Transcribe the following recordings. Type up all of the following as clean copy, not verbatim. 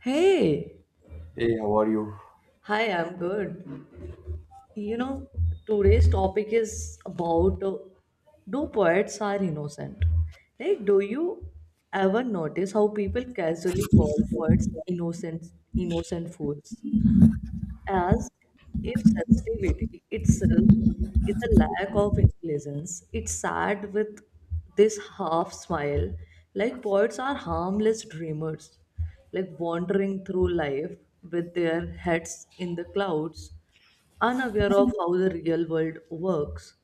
Hey, Hey, how are you? hi, I'm good. You know, today's topic is about do poets are innocent? Like, do you ever notice how people casually call poets innocent, innocent fools? As if sensitivity itself is a lack of intelligence. It's sad with this half smile, like poets are harmless dreamers, like wandering through life with their heads in the clouds, unaware of how the real world works.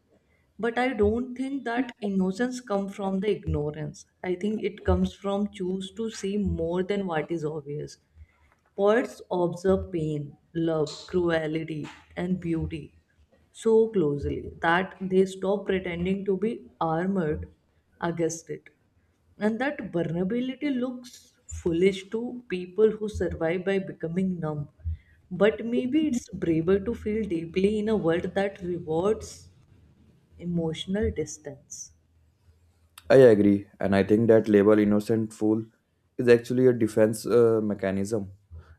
But I don't think that innocence comes from the ignorance. I think it comes from choose to see more than what is obvious. Poets observe pain, love, cruelty, and beauty so closely that they stop pretending to be armored against it. And that vulnerability looks foolish to people who survive by becoming numb. But maybe it's braver to feel deeply in a world that rewards emotional distance. I agree, and I think that label innocent fool is actually a defense mechanism.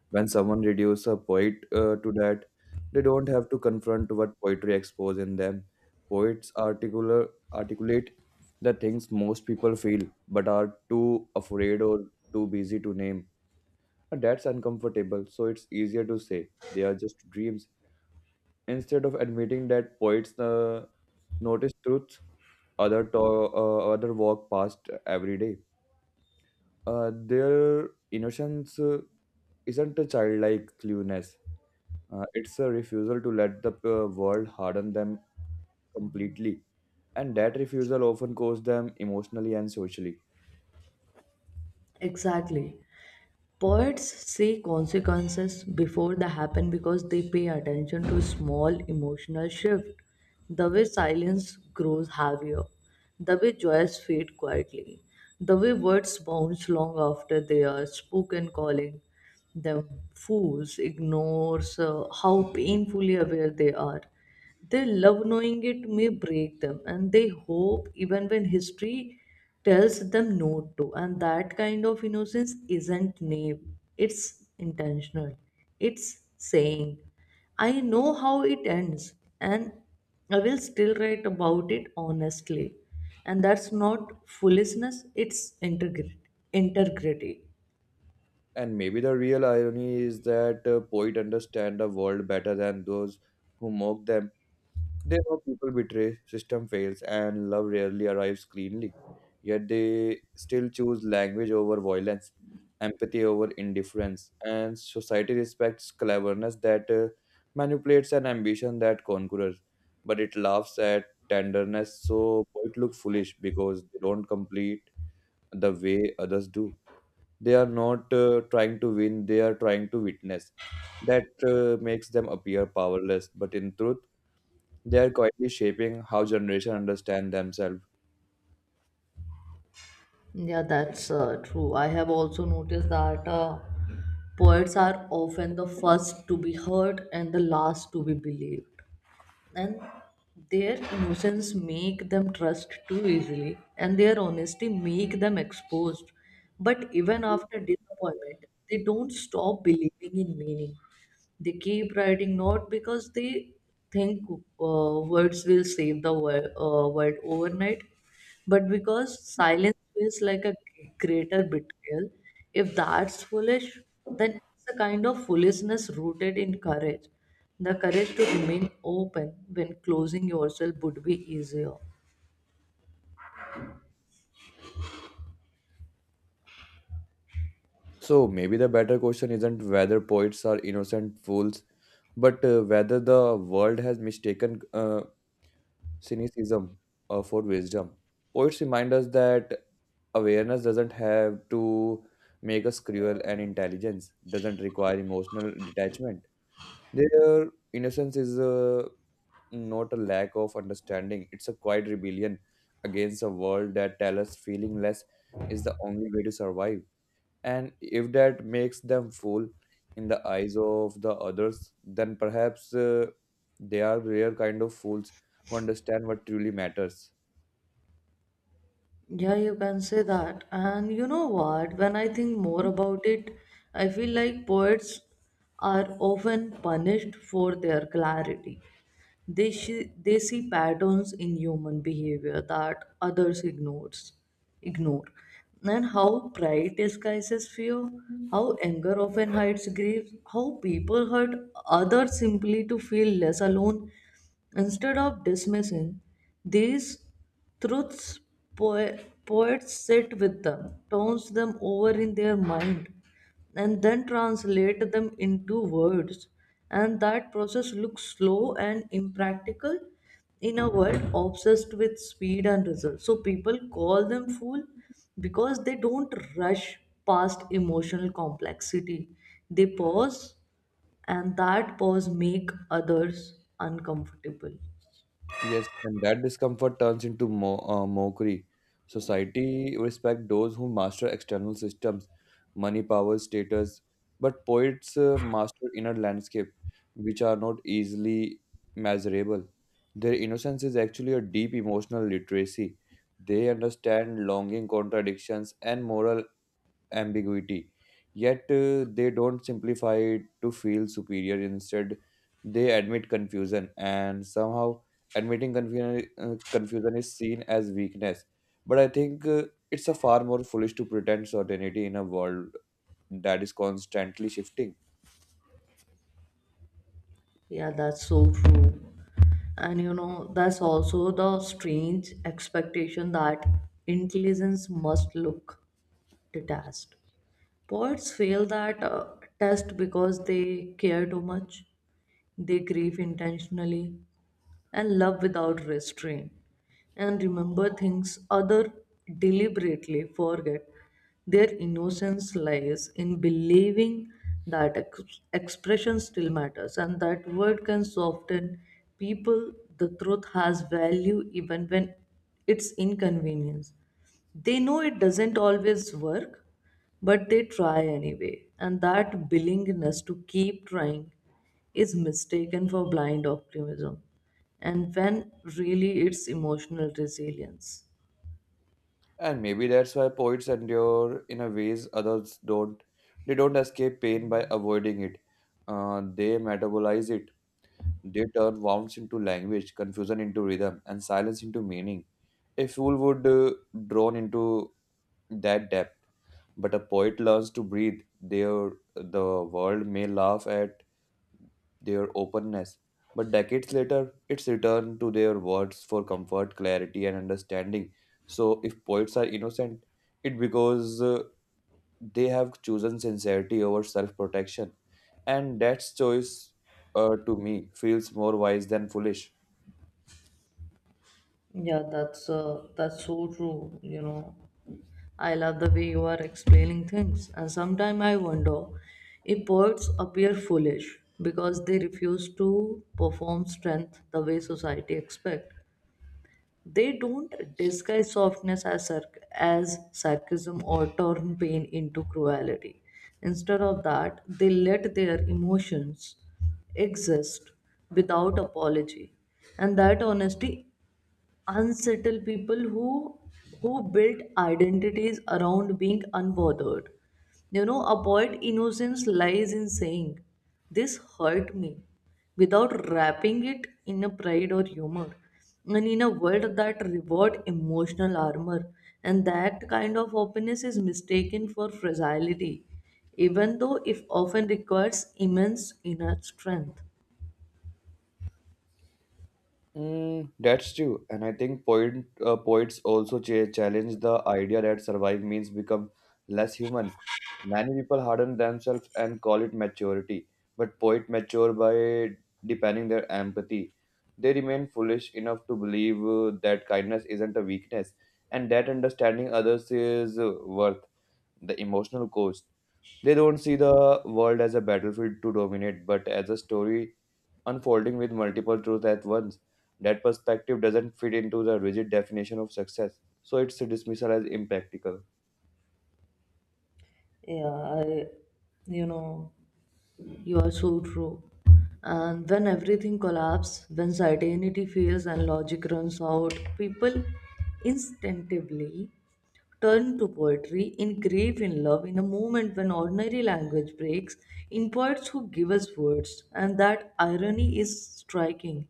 When someone reduces a poet to that, they don't have to confront what poetry exposes in them. Articulate the things most people feel but are too afraid or too busy to name. And that's uncomfortable, so it's easier to say they are just dreams. Instead of admitting that poets notice truths, other walk past every day. Their innocence isn't a childlike cluelessness. It's a refusal to let the world harden them completely, and that refusal often costs them emotionally and socially. Exactly. Poets see consequences before they happen because they pay attention to small emotional shift. The way silence grows heavier, the way joys fade quietly, the way words bounce long after they are spoken, calling the fools ignores how painfully aware they are. They love knowing it may break them, and they hope even when history tells them not to. And that kind of innocence isn't naive; it's intentional. It's saying, "I know how it ends, and I will still write about it honestly." And that's not foolishness; it's integrity. Integrity. And maybe the real irony is that poets understand the world better than those who mock them. They know people betray, system fails, and love rarely arrives cleanly. Yet they still choose language over violence, empathy over indifference, and society respects cleverness that manipulates and ambition that conquers. But it laughs at tenderness, so it look foolish because they don't complete the way others do. They are not trying to win, they are trying to witness. That makes them appear powerless, but in truth, they are quietly shaping how generations understand themselves. Yeah, that's true. I have also noticed that poets are often the first to be heard and the last to be believed. And their innocence make them trust too easily, and their honesty make them exposed. But even after disappointment, they don't stop believing in meaning. They keep writing not because they think words will save the world, world overnight, but because silence feels like a greater betrayal. If that's foolish, then it's a kind of foolishness rooted in courage. The courage to remain open when closing yourself would be easier. So maybe the better question isn't whether poets are innocent fools, but whether the world has mistaken cynicism for wisdom. Poets remind us that awareness doesn't have to make us cruel, and intelligence doesn't require emotional detachment. Their innocence is not a lack of understanding, it's a quiet rebellion against a world that tells us feeling less is the only way to survive. And if that makes them fool in the eyes of the others, then perhaps they are rare kind of fools who understand what truly matters. Yeah, you can say that. And you know what? When I think more about it, I feel like poets are often punished for their clarity. They they see patterns in human behavior that others ignores, ignore. And how pride disguises fear, how anger often hides grief, how people hurt others simply to feel less alone. Instead of dismissing these truths, poe- poets sit with them, turns them over in their mind and then translate them into words. And that process looks slow and impractical in a world obsessed with speed and results. So people call them fool because they don't rush past emotional complexity. They pause and that pause make others uncomfortable. Yes, and that discomfort turns into mockery. Society respect those who master external systems, money, power, status, but poets master inner landscape, which are not easily measurable. Their innocence is actually a deep emotional literacy. They understand longing, contradictions, and moral ambiguity. Yet they don't simplify it to feel superior. Instead, they admit confusion, and somehow admitting confusion is seen as weakness. But I think it's a far more foolish to pretend certainty in a world that is constantly shifting. Yeah, that's so true. And you know, that's also the strange expectation that intelligence must look the test. Poets fail that test because they care too much, they grieve intentionally, and love without restraint and remember things other deliberately forget their innocence lies in believing that expression still matters and that word can soften people the truth has value even when it's inconvenience they know it doesn't always work but they try anyway and that willingness to keep trying is mistaken for blind optimism and when really it's emotional resilience. And maybe that's why poets endure in a ways others don't. They don't escape pain by avoiding it. They metabolize it. They turn vowels into language, confusion into rhythm, and silence into meaning. A fool would drone into that depth, but a poet learns to breathe. Their the world may laugh at their openness, but decades later, it's returned to their words for comfort, clarity, and understanding. So, if poets are innocent, it because they have chosen sincerity over self-protection, and that choice, to me, feels more wise than foolish. Yeah, that's so true. You know, I love the way you are explaining things, and sometimes I wonder if poets appear foolish because they refuse to perform strength the way society expects. They don't disguise softness as, as sarcasm or turn pain into cruelty. Instead of that, they let their emotions exist without apology. And that honesty unsettled people who built identities around being unbothered you know avoid innocence lies in saying this hurt me without wrapping it in a pride or humor and in a world that reward emotional armor and that kind of openness is mistaken for fragility even though it often requires immense inner strength. Mm, that's true, and I think poets also challenge the idea that survive means become less human. Many people harden themselves and call it maturity, but poet mature by deepening their empathy. They remain foolish enough to believe that kindness isn't a weakness, and that understanding others is worth the emotional cost. They don't see the world as a battlefield to dominate, but as a story unfolding with multiple truths at once. That perspective doesn't fit into the rigid definition of success, so it's dismissal as impractical. Yeah, you know, you are so true. And when everything collapses, when certainty fails and logic runs out, people instinctively turn to poetry, engrave in love, in a moment when ordinary language breaks, in poets who give us words. And that irony is striking.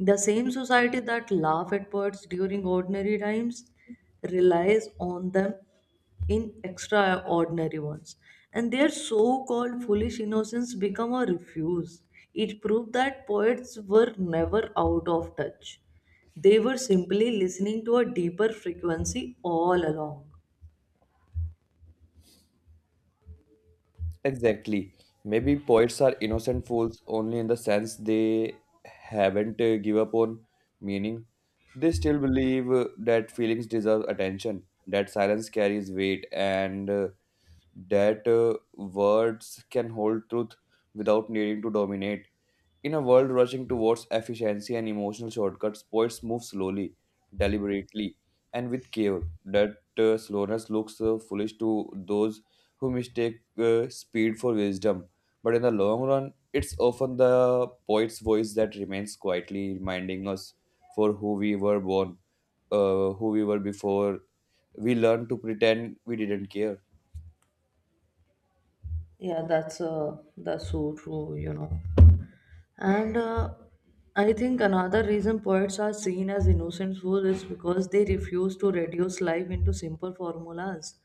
The same society that laugh at poets during ordinary times relies on them in extraordinary ones. And their so-called foolish innocence become a refuse. It proved that poets were never out of touch. They were simply listening to a deeper frequency all along. Exactly. Maybe poets are innocent fools only in the sense they haven't give up on meaning. They still believe that feelings deserve attention, that silence carries weight, and that words can hold truth without needing to dominate. In a world rushing towards efficiency and emotional shortcuts, poets move slowly, deliberately, and with care. That slowness looks foolish to those who mistake speed for wisdom. But in the long run, it's often the poet's voice that remains quietly reminding us for who we were born, who we were before we learn to pretend we didn't care. Yeah, that's so true, you know. And I think another reason poets are seen as innocent fools is because they refuse to reduce life into simple formulas.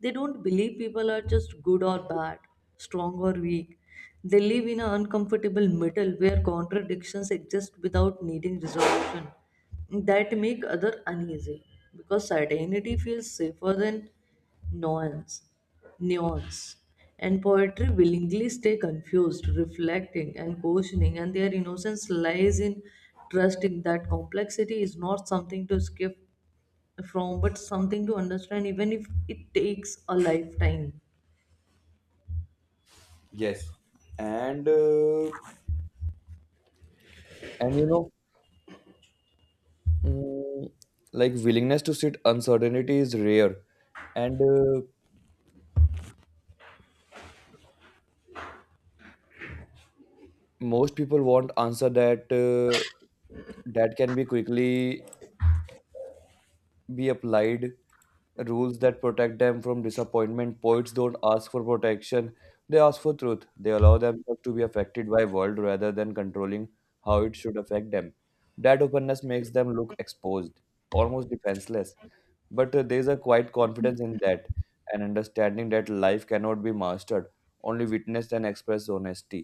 They don't believe people are just good or bad, strong or weak. They live in an uncomfortable middle where contradictions exist without needing resolution. That make other uneasy because certainty feels safer than nuance nuance. And poetry willingly stay confused, reflecting and questioning, and their innocence lies in trusting that complexity is not something to escape from, but something to understand, even if it takes a lifetime. Yes. and uh, and you know Mm, Like willingness to sit uncertainty is rare, and most people want answer that can be quickly be applied, rules that protect them from disappointment. Poets don't ask for protection, they ask for truth. They allow themselves to be affected by world rather than controlling how it should affect them. That openness makes them look exposed, almost defenseless. But there's a quiet confidence in that, and understanding that life cannot be mastered, only witnessed and expressed honestly.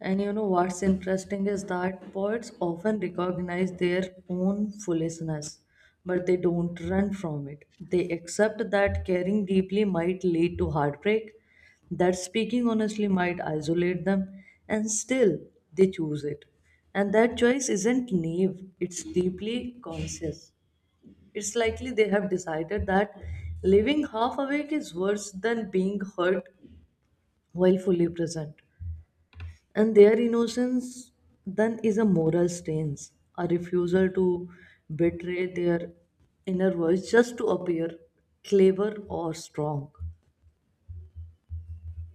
And you know what's interesting is that poets often recognize their own foolishness, but they don't run from it. They accept that caring deeply might lead to heartbreak, that speaking honestly might isolate them, and still they choose it. And that choice isn't naive, it's deeply conscious. It's likely they have decided that living half awake is worse than being hurt while fully present and their innocence then is a moral stance a refusal to betray their inner voice just to appear clever or strong.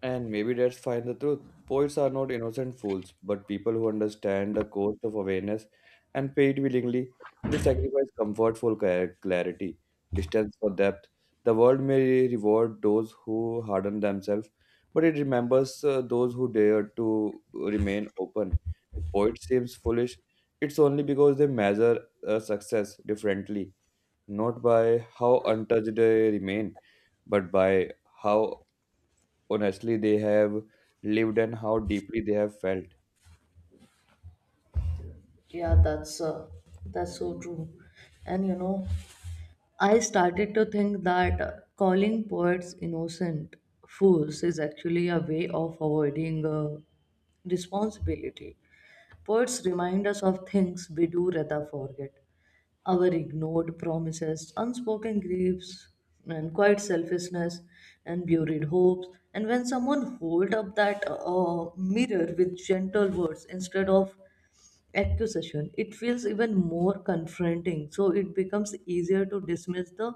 And maybe that's fine the truth. Poets are not innocent fools, but people who understand the cost of awareness and pay it willingly. They sacrifice comfort for clarity, distance for depth. The world may reward those who harden themselves, but it remembers those who dare to remain open. If poet seems foolish, it's only because they measure success differently, not by how untouched they remain, but by how honestly they have lived and how deeply they have felt. Yeah, that's so true and you know I started to think that calling poets innocent fools is actually a way of avoiding responsibility poets remind us of things we do rather forget our ignored promises, unspoken griefs, and quiet selfishness, and buried hopes. And when someone hold up that mirror with gentle words instead of accusation, it feels even more confronting. So it becomes easier to dismiss the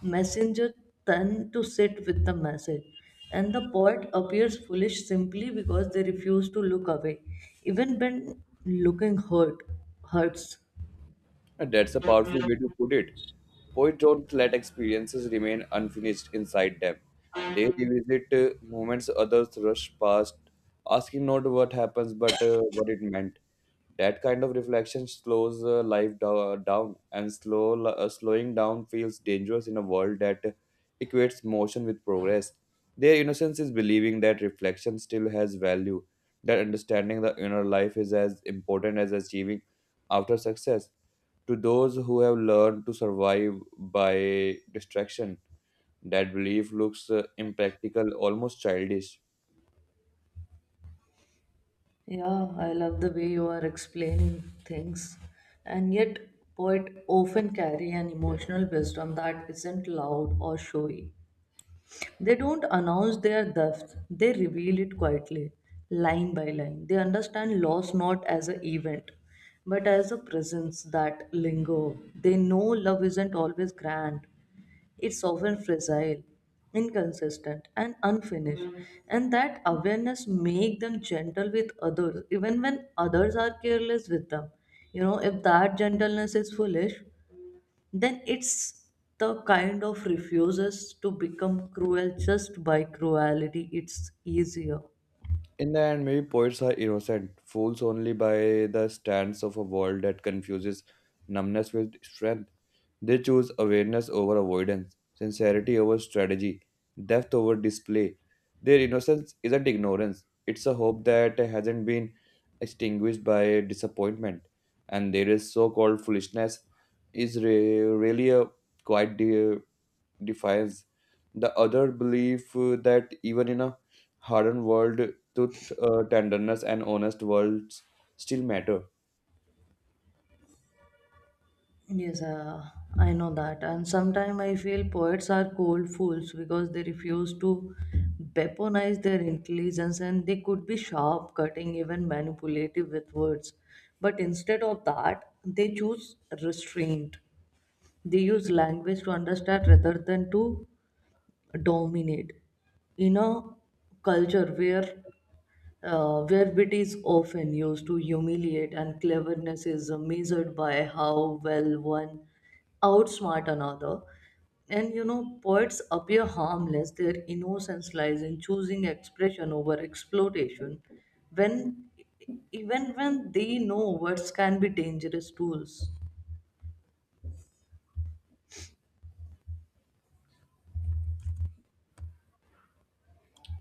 messenger than to sit with the message. And the poet appears foolish simply because they refuse to look away, even when looking hurts. And that's a powerful way to put it. Poets don't let experiences remain unfinished inside them. They revisit moments others rush past, asking not what happens but what it meant. That kind of reflection slows life down, and slowing down feels dangerous in a world that equates motion with progress. Their innocence is believing that reflection still has value, that understanding the inner life is as important as achieving after success. To those who have learned to survive by distraction, that belief looks impractical, almost childish. Yeah, I love the way you are explaining things. And yet, poets often carry an emotional wisdom that isn't loud or showy. They don't announce their depth, they reveal it quietly, line by line. They understand loss not as an event, but as a presence that linger. They know love isn't always grand, it's often fragile, inconsistent, and unfinished, and that awareness make them gentle with others, even when others are careless with them. You know, if that gentleness is foolish, then it's the kind of refuses to become cruel just by cruelty. It's easier. In the end, maybe poets are innocent, fools only by the stance of a world that confuses numbness with strength. They choose awareness over avoidance, sincerity over strategy, depth over display. Their innocence isn't ignorance, it's a hope that hasn't been extinguished by disappointment. And there is so called foolishness is really a quite defies the other belief that even in a hardened world, truth, tenderness, and honest worlds still matter. Yes, I know that. And sometimes I feel poets are cold fools because they refuse to weaponize their intelligence and they could be sharp, cutting, even manipulative with words. But instead of that, they choose restraint. They use language to understand rather than to dominate. In a culture where wit is often used to humiliate and cleverness is measured by how well one outsmart another. And you know, poets appear harmless, their innocence lies in choosing expression over exploitation when even when they know words can be dangerous tools.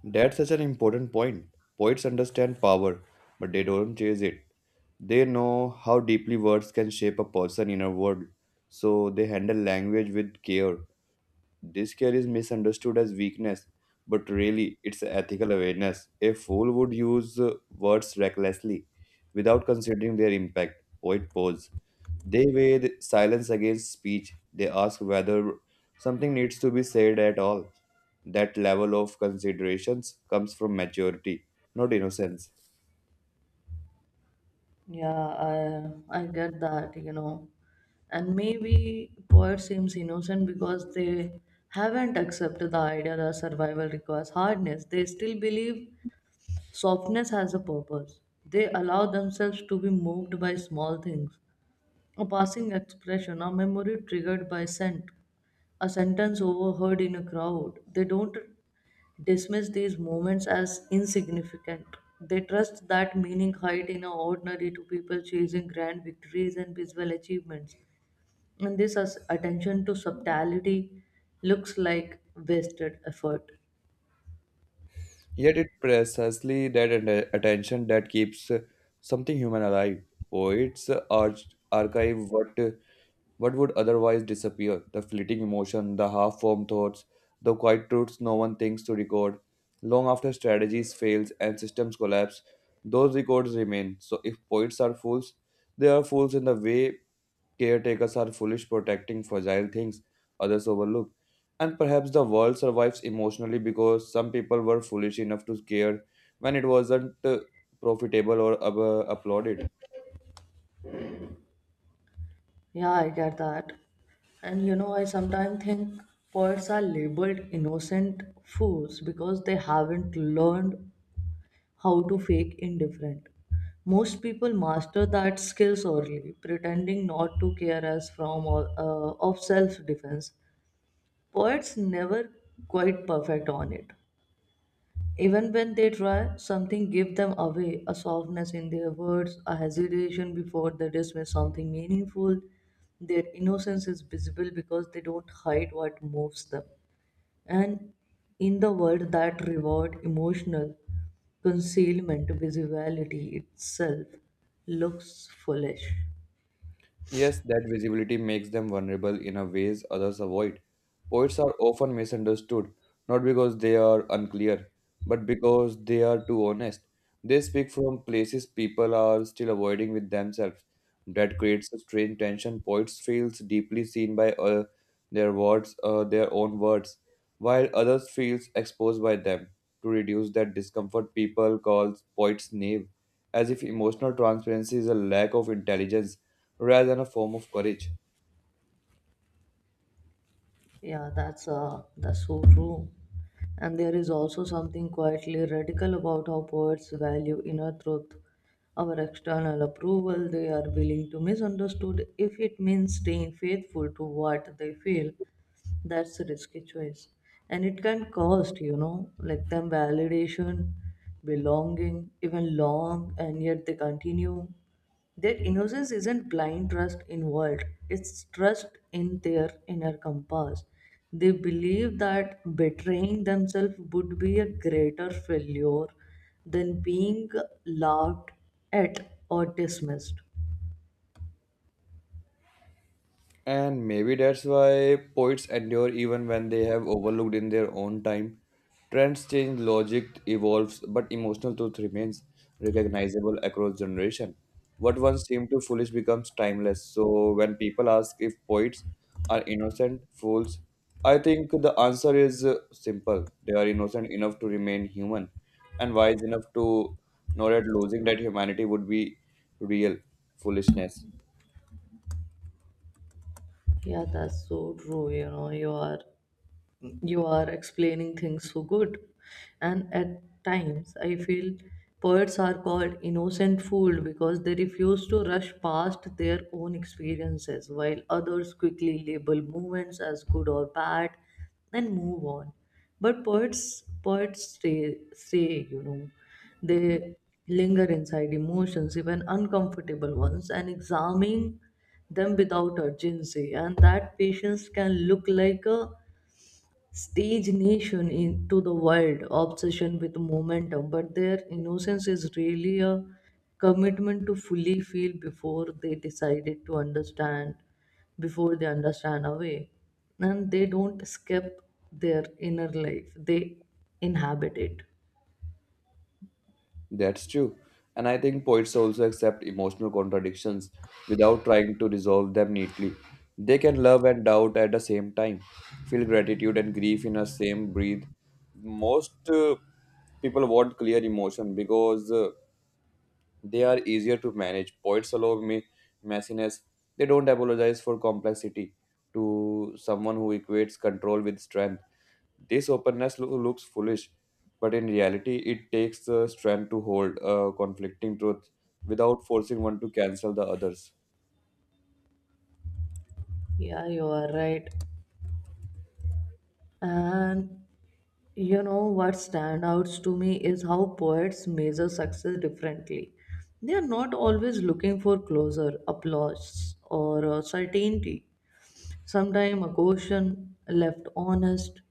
That's such an important point. Poets understand power, but they don't chase it. They know how deeply words can shape a person's inner world, so they handle language with care. This care is misunderstood as weakness, but really it's ethical awareness. A fool would use words recklessly without considering their impact. Poet pause. They weigh the silence against speech. They ask whether something needs to be said at all. That level of considerations comes from maturity, not innocence. Yeah, I get that, you know. And maybe poet seems innocent because they haven't accepted the idea that survival requires hardness. They still believe softness has a purpose. They allow themselves to be moved by small things, a passing expression, a memory triggered by scent, a sentence overheard in a crowd. They don't dismiss these moments as insignificant. They trust that meaning hides in a ordinary to people chasing grand victories and visual achievements. And this attention to subtlety looks like wasted effort. Yet it's precisely that attention that keeps something human alive. Poets archive what would otherwise disappear. The fleeting emotion, the half formed thoughts, the quiet truths no one thinks to record. Long after strategies fail and systems collapse, those records remain. So if poets are fools, they are fools in the way caretakers are foolish protecting fragile things others overlook. And perhaps the world survives emotionally because some people were foolish enough to care when it wasn't profitable or applauded. Yeah, I get that. And you know, I sometimes think poets are labeled innocent fools because they haven't learned how to fake indifferent. Most people master that skill sorely, pretending not to care as from of self-defense. Poets never quite perfect on it. Even when they try, something give them away, a softness in their words, a hesitation before they dismiss something meaningful. Their innocence is visible because they don't hide what moves them. And in the world that reward emotional concealment, visibility itself looks foolish. Yes, that visibility makes them vulnerable in a ways others avoid. Poets are often misunderstood, not because they are unclear, but because they are too honest. They speak from places people are still avoiding with themselves. That creates a strange tension. Poets feels deeply seen by their own words, while others feels exposed by them. To reduce that discomfort, people calls poets naive, as if emotional transparency is a lack of intelligence rather than a form of courage. Yeah, that's so true. And there is also something quietly radical about how poets value inner truth, our external approval. They are willing to misunderstood if it means staying faithful to what they feel. That's a risky choice. And it can cost, you know, like them validation, belonging, even long, and yet they continue. Their innocence isn't blind trust involved, it's trust in their inner compass. They believe that betraying themselves would be a greater failure than being laughed at or dismissed. And maybe that's why poets endure even when they have overlooked in their own time. Trends change, logic evolves, but emotional truth remains recognizable across generation. What once seemed to foolish becomes timeless. So when people ask if poets are innocent fools, I think the answer is simple. They are innocent enough to remain human and wise enough to know that losing that humanity would be real foolishness. Yeah, that's so true. You know, you are explaining things so good and at times I feel poets are called innocent fool because they refuse to rush past their own experiences while others quickly label movements as good or bad and move on but poets stay you know they linger inside emotions even uncomfortable ones and examine them without urgency and that patience can look like a stage nation into the world obsession with momentum but their innocence is really a commitment to fully feel before they decided to understand before they understand away and they don't escape their inner life they inhabit it. That's true. And I think poets also accept emotional contradictions without trying to resolve them neatly. They can love and doubt at the same time, feel gratitude and grief in the same breath. Most people want clear emotion because they are easier to manage. Poets allow me messiness. They don't apologize for complexity to someone who equates control with strength. This openness looks foolish, but in reality, it takes the strength to hold a conflicting truth without forcing one to cancel the others. Yeah, you are right. And you know what stands out to me is how poets measure success differently. They are not always looking for closure, applause, or certainty. Sometimes a question left honest,